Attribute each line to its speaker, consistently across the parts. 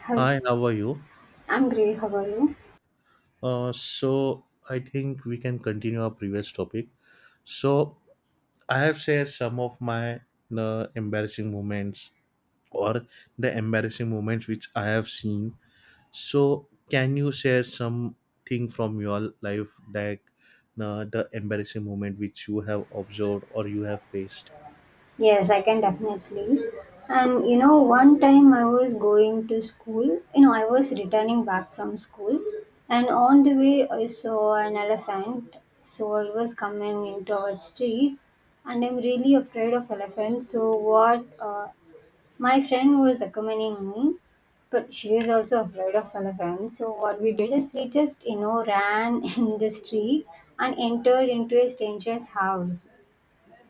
Speaker 1: How-
Speaker 2: Hi, how are you?
Speaker 1: I'm great. How are you?
Speaker 2: So I think we can continue our previous topic. So I have shared some of my embarrassing moments or the embarrassing moments which I have seen. So can you share something from your life, like the embarrassing moment which you have observed or you have faced?
Speaker 1: Yes, I can definitely. One time I was going to school, I was returning back from school, and on the way, I saw an elephant. So it was coming into our streets, and I'm really afraid of elephants. So, what uh, my friend was accompanying me, but she is also afraid of elephants. So, what we did is we just, ran in the street and entered into a stranger's house.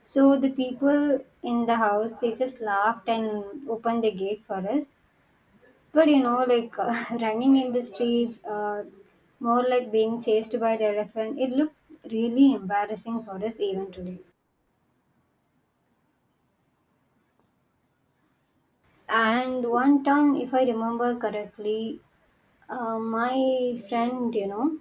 Speaker 1: So the people in the house they just laughed and opened the gate for us. But like running in the streets, more like being chased by the elephant. It looked really embarrassing for us even today. And one time, if I remember correctly, my friend,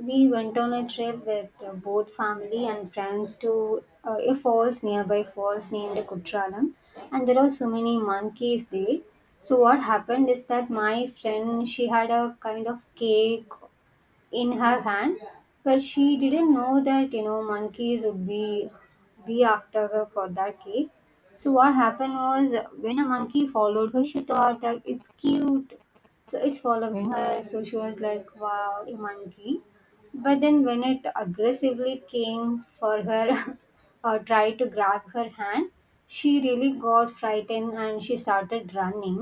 Speaker 1: we went on a trip with both family and friends to a falls, nearby falls named Kutralam, and there are so many monkeys there. So what happened is that my friend, she had a kind of cake in her hand, but she didn't know that, monkeys would be after her for that cake. So what happened was, when a monkey followed her, she thought that it's cute, so it's following her. So she was like, wow, a monkey. But then when it aggressively came for her or tried to grab her hand, she really got frightened and she started running.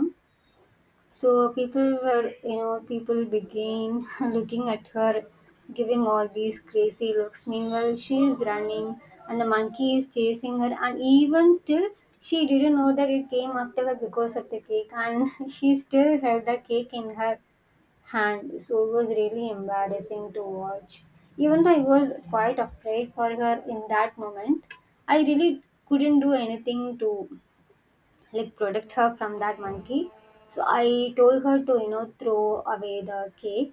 Speaker 1: So people were, people began looking at her, giving all these crazy looks. Meanwhile, she is running and the monkey is chasing her, and even still, she didn't know that it came after her because of the cake, and she still held the cake in her hand. So it was really embarrassing to watch. Even though I was quite afraid for her in that moment, I really couldn't do anything to like protect her from that monkey. So I told her to, throw away the cake,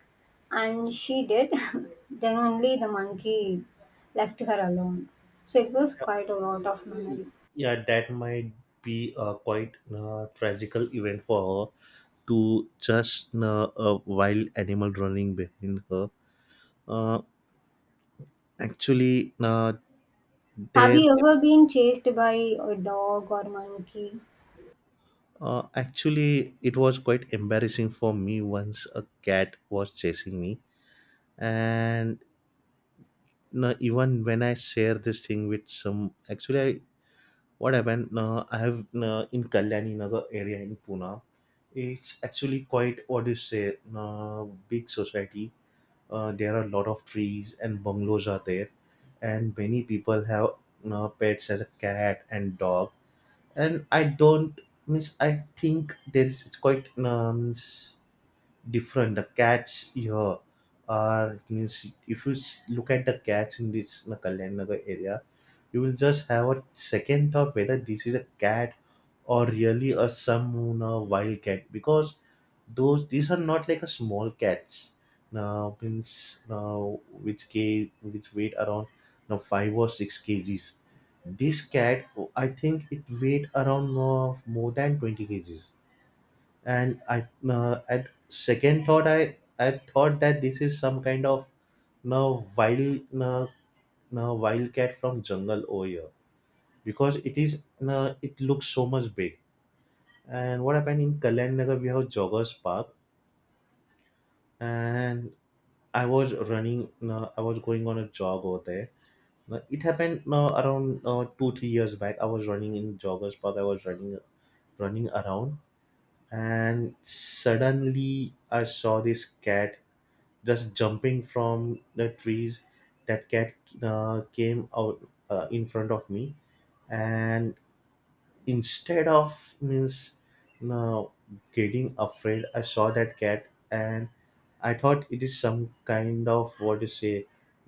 Speaker 1: and she did. Then only the monkey left her alone. So it was quite a lot of memory.
Speaker 2: Yeah, that might be a quite tragical event for her to just a wild animal running behind her. Uh, Actually,
Speaker 1: Have
Speaker 2: there.
Speaker 1: you ever been chased by a dog or monkey?
Speaker 2: Actually, it was quite embarrassing for me once a cat was chasing me, and even when I share this thing with some, actually, what happened? I have in Kalyani Nagar area in Pune. It's actually quite what do you say? Big society, there are a lot of trees and bungalows are there, and many people have you pets as a cat and dog. And I don't means I think there is, it's quite different. The cats here are means if you look at the cats in this, you know, Kalyan Nagar area, you will just have a second thought whether this is a cat or really a some you wild cat, because those these are not like a small cats now means now which weighed around now 5 or 6 kgs. This cat, I think it weighed around more than 20 kgs. And I at second thought, I thought that this is some kind of now wild now wild cat from jungle over here, because it is it looks so much big. And what happened in Kalyan Nagar, we have Joggers Park, and I was going on a jog over there. It happened around 2, 3 years back. I was running in Joggers Park. I was running around, and suddenly I saw this cat just jumping from the trees. That cat came out in front of me, and instead of means now getting afraid, I saw that cat, and I thought it is some kind of, what you say,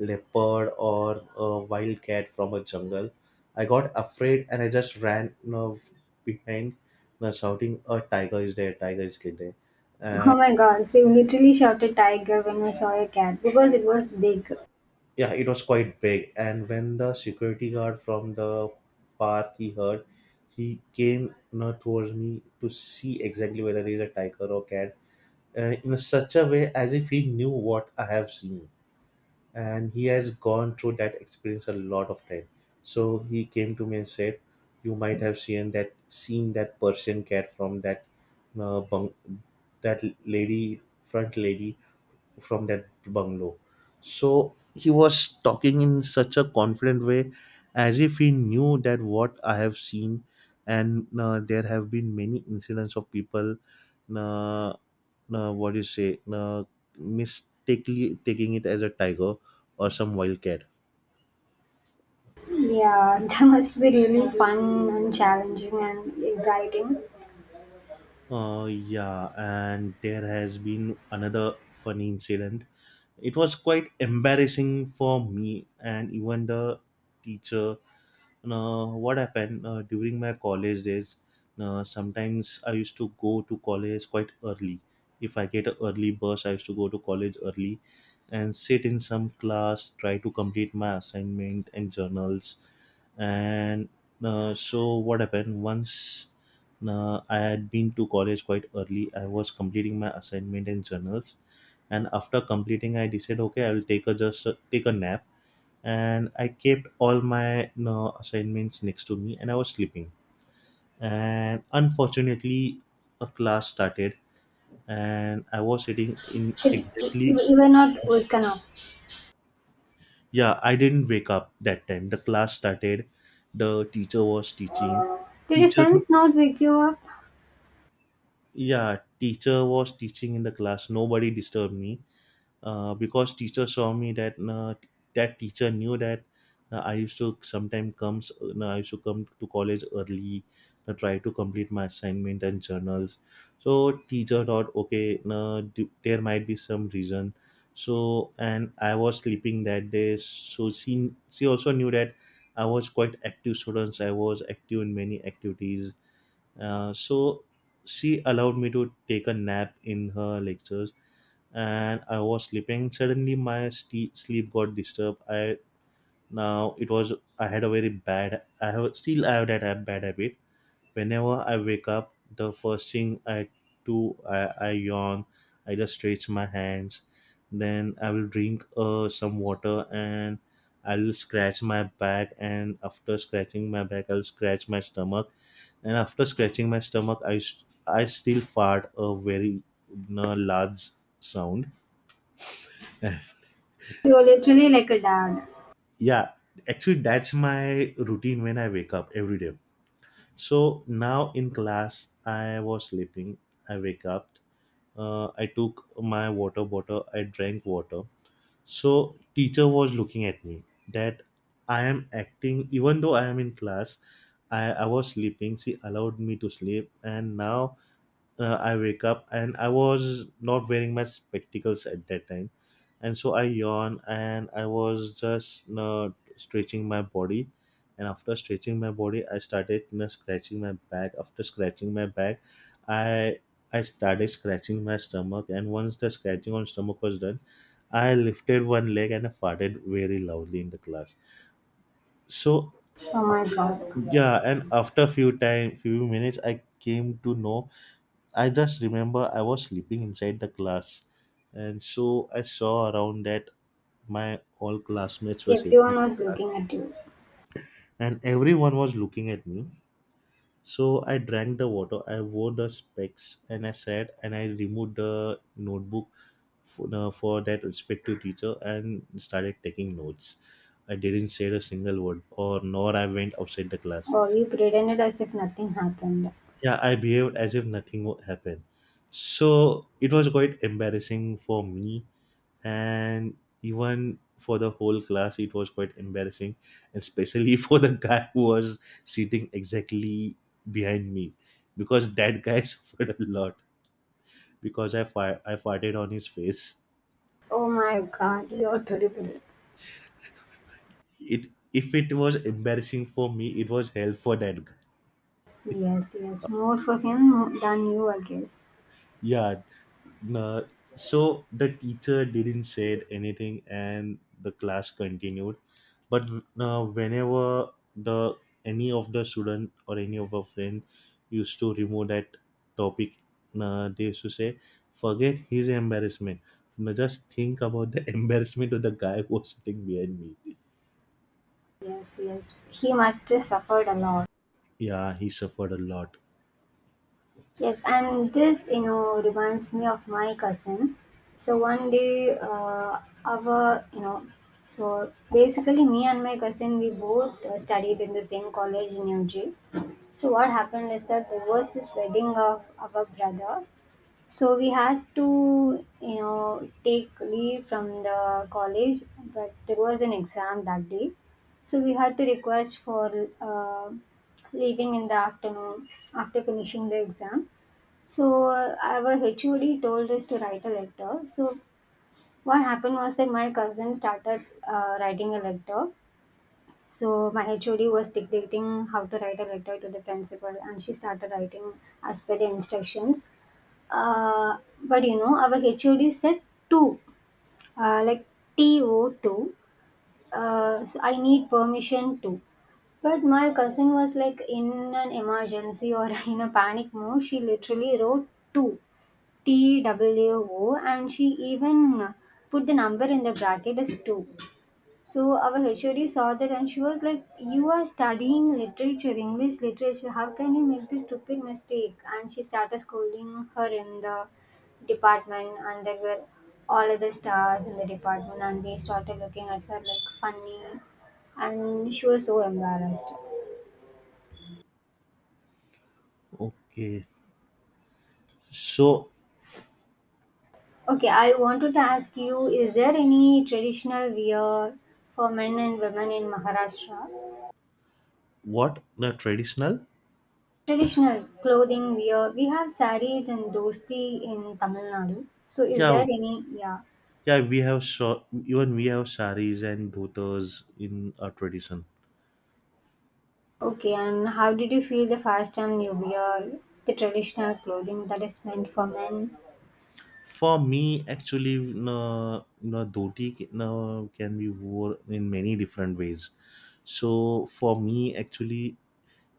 Speaker 2: leopard or a wild cat from a jungle. I got afraid, and I just ran, behind, shouting a tiger is there, tiger is there.
Speaker 1: Oh
Speaker 2: And
Speaker 1: my god, so you literally shouted tiger when I saw a cat because it was big.
Speaker 2: yeah, it was quite big. And when the security guard from the park, he heard, he came, towards me to see exactly whether there is a tiger or cat, in such a way as if he knew what I have seen. And he has gone through that experience a lot of time. So he came to me and said, "You might have seen that person get from uh, bung- that lady, front lady, from that bungalow." So he was talking in such a confident way, as if he knew that what I have seen, and there have been many incidents of people. Uh, what do you say, mistakenly taking it as a tiger or some wild cat.
Speaker 1: Yeah, that must be really fun and challenging and exciting.
Speaker 2: Yeah, and there has been another funny incident. It was quite embarrassing for me and even the teacher. What happened during my college days, sometimes I used to go to college quite early. If I get an early bus, I used to go to college early, and sit in some class, try to complete my assignment and journals. And so what happened once, I had been to college quite early, I was completing my assignment and journals, and after completing, I decided, okay, I will take a nap. And I kept all my, assignments next to me, and I was sleeping. And unfortunately, a class started and I was sitting in
Speaker 1: Should- You
Speaker 2: exactly.
Speaker 1: you were not woken up.
Speaker 2: Yeah, I didn't wake up that time. The class started, the teacher was teaching.
Speaker 1: Did your
Speaker 2: Teacher.
Speaker 1: friends not wake you up?
Speaker 2: Yeah, teacher was teaching in the class, nobody disturbed me. Because teacher saw me that, teacher knew that I used to sometimes come to college early, try to complete my assignment and journals. So teacher thought, okay, there might be some reason. So and I was sleeping that day. So she also knew that I was quite active students. I was active in many activities. So she allowed me to take a nap in her lectures, and I was sleeping. Suddenly, my ste sleep got disturbed. I now it was I had a very bad. I have that bad habit. Whenever I wake up, the first thing I do, I yawn. I just stretch my hands. Then I will drink some water, and I will scratch my back. And after scratching my back, I'll scratch my stomach. And after scratching my stomach, I still fart a very large sound.
Speaker 1: You were literally like a dad.
Speaker 2: Yeah, actually that's my routine when I wake up every day. So now in class, I was sleeping, I wake up, I took my water bottle, I drank water. So teacher was looking at me that I am acting even though I am in class. I was sleeping, she allowed me to sleep, and now I wake up and I was not wearing my spectacles at that time, and so I yawn, and I was just stretching my body, and after stretching my body, I started you scratching my back. After scratching my back, I I started scratching my stomach, and once the scratching on stomach was done, I lifted one leg and I farted very loudly in the class. So
Speaker 1: Oh my god.
Speaker 2: yeah, and after few time, few minutes, I came to know. I just remember I was sleeping inside the class, and so I saw around that my all classmates were sitting
Speaker 1: Everyone
Speaker 2: in
Speaker 1: was
Speaker 2: the class,
Speaker 1: looking at you.
Speaker 2: and everyone was looking at me. So I drank the water, I wore the specs, and I sat and I removed the notebook for that respective teacher and started taking notes. I didn't say a single word, or nor I went outside the class.
Speaker 1: Or you pretended as if nothing happened.
Speaker 2: Yeah, I behaved as if nothing would happen. So it was quite embarrassing for me, and even for the whole class it was quite embarrassing, especially for the guy who was sitting exactly behind me, because that guy suffered a lot because I farted on his face.
Speaker 1: Oh my god, you're terrible.
Speaker 2: It If it was embarrassing for me, it was hell for that guy.
Speaker 1: Yes, yes. More for him than you, I guess.
Speaker 2: Yeah. Nah, so the teacher didn't said anything and the class continued, but whenever the any of the student or any of our friend used to remove that topic, they used to say, forget his embarrassment. Now just think about the embarrassment of the guy who was sitting behind me.
Speaker 1: Yes, yes. He must have suffered a lot.
Speaker 2: Yeah, he suffered a lot.
Speaker 1: Yes, and this, reminds me of my cousin. So one day, our, so basically me and my cousin, we both studied in the same college in UG. So what happened is that there was this wedding of our brother. So we had to, take leave from the college, but there was an exam that day. So we had to request for uh, leaving in the afternoon after finishing the exam. So our HOD told us to write a letter. So what happened was that my cousin started writing a letter. So my HOD was dictating how to write a letter to the principal, and she started writing as per the instructions. Uh, but our HOD said two, like T O two. So I need permission to. But my cousin was like in an emergency or in a panic mode. She literally wrote two TWO, and she even put the number in the bracket as 2. So our HOD saw that and she was like, "You are studying literature, English literature. How can you make this stupid mistake?" And she started scolding her in the department, and there were all other stars in the department, and they started looking at her like funny, and she was so embarrassed.
Speaker 2: Okay. So
Speaker 1: Okay, I wanted to ask you, is there any traditional wear for men and women in Maharashtra?
Speaker 2: what the traditional.
Speaker 1: Traditional clothing wear, we have sarees and dosti in Tamil Nadu. So is there
Speaker 2: Yeah.
Speaker 1: any, yeah.
Speaker 2: Yeah, we have even we have saris and dhotas in our tradition.
Speaker 1: Okay, and how did you feel the first time you wear the traditional clothing that is meant for men?
Speaker 2: For me, actually, no, no no, can be worn in many different ways. So for me, actually,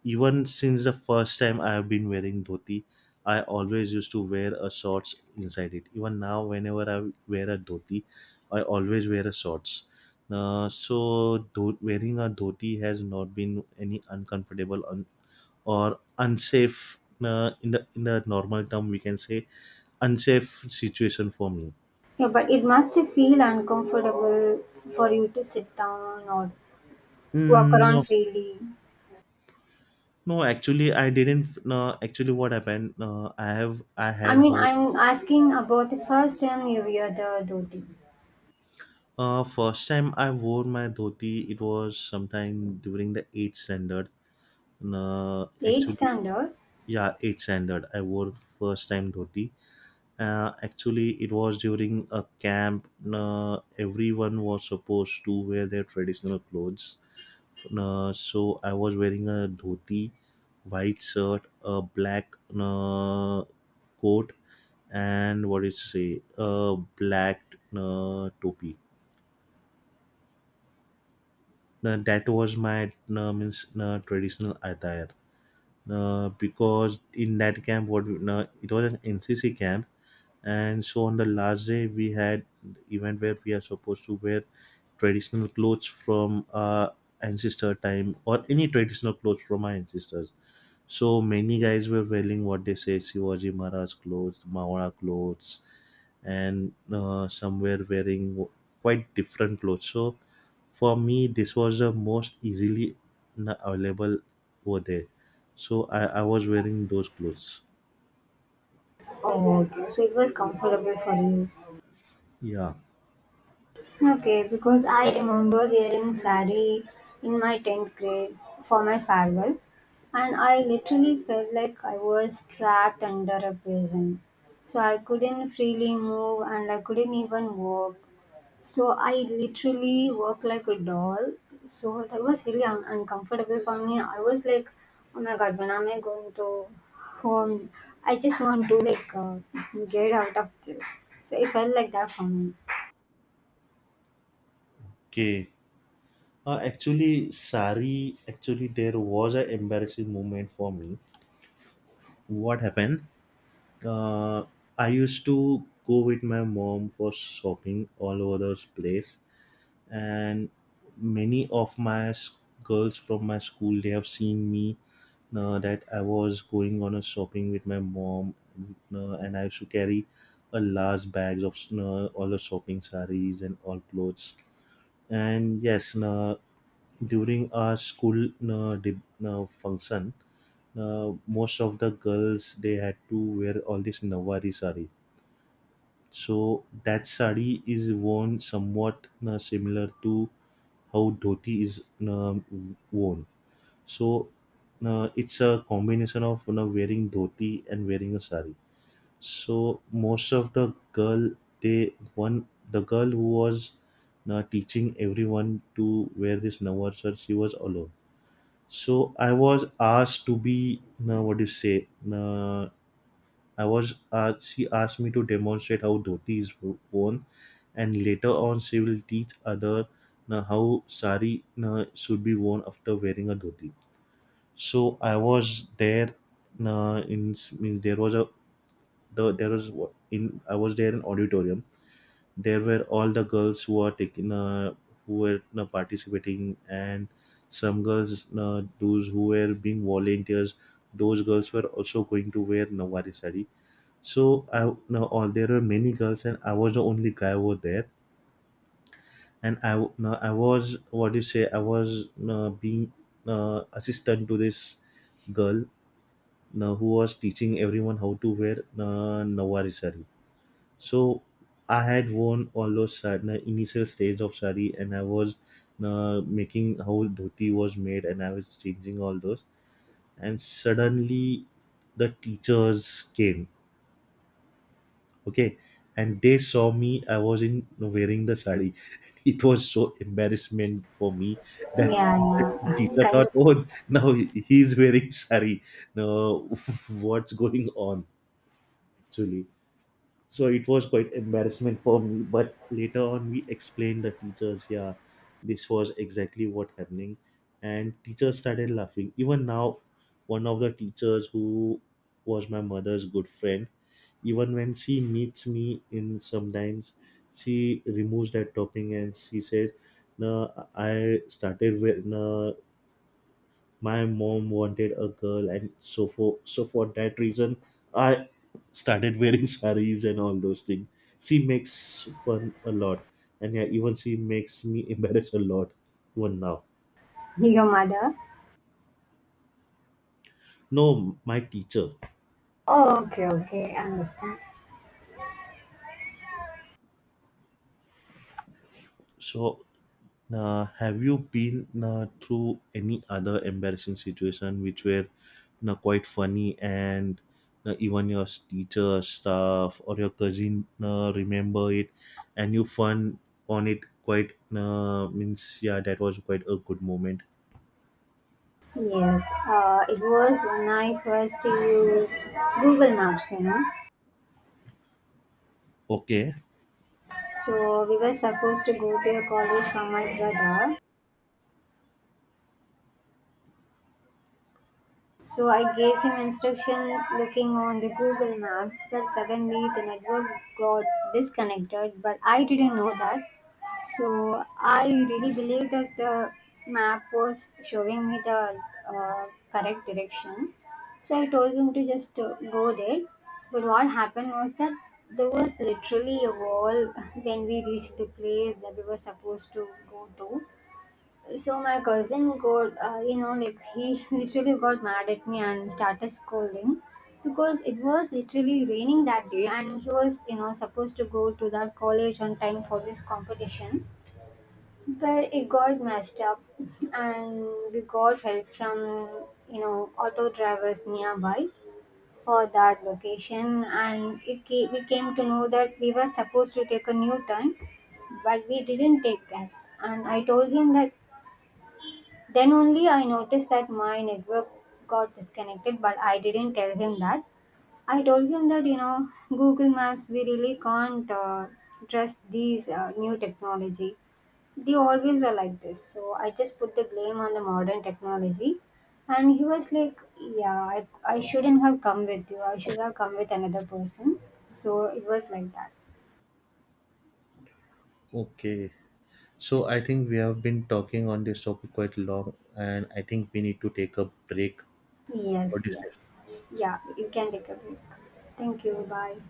Speaker 2: even since the first time I have been wearing dhoti, I always used to wear a shorts inside it. Even now, whenever I wear a dhoti, I always wear a shorts. So wearing a dhoti has not been any uncomfortable or unsafe, in the normal term we can say unsafe situation for me.
Speaker 1: Yeah, but it must feel uncomfortable for you to sit down or walk
Speaker 2: Mm, no.
Speaker 1: around freely.
Speaker 2: No, actually I didn't. No, actually what happened, I
Speaker 1: I
Speaker 2: had
Speaker 1: mean,
Speaker 2: her.
Speaker 1: I'm asking about the first time you wear the dhoti.
Speaker 2: First time I wore my dhoti, it was sometime during the 8th standard,
Speaker 1: Eighth
Speaker 2: actually.
Speaker 1: standard?
Speaker 2: Yeah, 8th standard I wore first time dhoti. Actually, it was during a camp. uh, Everyone was supposed to wear their traditional clothes. So I was wearing a dhoti, white shirt, a black coat, and what do you say, a black topi. Now, that was my means traditional attire. Because in that camp, it was an NCC camp, and so on the last day we had event where we are supposed to wear traditional clothes from our ancestor time, or any traditional clothes from our ancestors. So many guys were wearing what they say Shivaji Maharaj clothes, Mawara clothes, and some were wearing quite different clothes. So for me, this was the most easily available over there. So I was wearing those clothes.
Speaker 1: Oh, okay. So it was comfortable for you.
Speaker 2: Yeah.
Speaker 1: Okay, because I remember hearing sari in my 10th grade for my farewell, and I literally felt like I was trapped under a prison. So I couldn't freely move and I couldn't even walk. So I literally walked like a doll. So that was really un- uncomfortable for me. I was like, oh my god, when am I going to home? I just want to like get out of this. So it felt like that for me.
Speaker 2: Okay. Actually, sari. Actually, there was an embarrassing moment for me. What happened? Uh, I used to go with my mom for shopping all over those place, and many of my girls from my school, they have seen me that I was going on a shopping with my mom, and I used to carry a large bags of all the shopping sarees and all clothes. And yes, during our school function, most of the girls they had to wear all this nawari sari. So that sari is worn somewhat similar to how dhoti is worn. So it's a combination of, wearing dhoti and wearing a sari. So most of the girl, they one the girl who was teaching everyone to wear this Navarsar, she was alone. So I was asked to be, what do you say, uh, she asked me to demonstrate how dhoti is worn, and later on she will teach other na, how sari na, should be worn after wearing a dhoti. So I was there. Na, in means there was there was wa- in I was there in auditorium. There were all the girls who are taking, who were na, participating, and some girls na, those who were being volunteers. Those girls were also going to wear Nawari sari, so I now all there were many girls and I was the only guy over there. And now I was, what do you say? I was being assistant to this girl now who was teaching everyone how to wear Nawari sari. So I had worn all those sari, na initial stage of sari, and I was making how dhoti was made, and I was changing all those. And suddenly, the teachers came. Okay. And they saw me, I was in wearing the sari. It was so embarrassment for me, that
Speaker 1: Yeah,
Speaker 2: the
Speaker 1: yeah.
Speaker 2: teacher
Speaker 1: Kind
Speaker 2: thought,
Speaker 1: of
Speaker 2: oh,
Speaker 1: honest.
Speaker 2: now he's wearing sari. No. What's going on? Actually, so it was quite embarrassment for me, but later on we explained the teachers. Yeah, this was exactly what happening. And teachers started laughing. Even now, one of the teachers who was my mother's good friend, even when she meets me in sometimes, she removes that topping and she says, no, I started with no, my mom wanted a girl, and so for that reason, I started wearing saris and all those things. She makes fun a lot. And yeah, even she makes me embarrassed a lot, even now.
Speaker 1: Your mother?
Speaker 2: No, my teacher.
Speaker 1: Oh, okay, okay, understand.
Speaker 2: So, have you been through any other embarrassing situation which were you quite funny, and you even your teacher, staff, or your cousin remember it and you fun on it quite means yeah, that was quite a good moment.
Speaker 1: Yes, it was when I first used Google Maps, you know.
Speaker 2: Okay,
Speaker 1: So we were supposed to go to a college for my brother. So I gave him instructions looking on the Google Maps, but suddenly the network got disconnected. But I didn't know that. So I really believe that the map was showing me the uh, correct direction. So I told him to just go there. But what happened was that there was literally a wall when we reached the place that we were supposed to go to. So my cousin got, like he literally got mad at me and started scolding because it was literally raining that day and he was, supposed to go to that college on time for this competition where it got messed up and we got help from, auto drivers nearby for that location, and it ca- we came to know that we were supposed to take a new turn, but we didn't take that. And I told him that, then only I noticed that my network got disconnected, but I didn't tell him that. I told him that, Google Maps, we really can't trust these new technology, they always are like this. So I just put the blame on the modern technology. And he was like, "Yeah, I shouldn't have come with you. I should have come with another person." So it was like that.
Speaker 2: okay. So I think we have been talking on this topic quite long, and I think we need to take a break. What
Speaker 1: Yes,
Speaker 2: do you say?
Speaker 1: yes. Yeah, you can take a break. Thank you. Bye.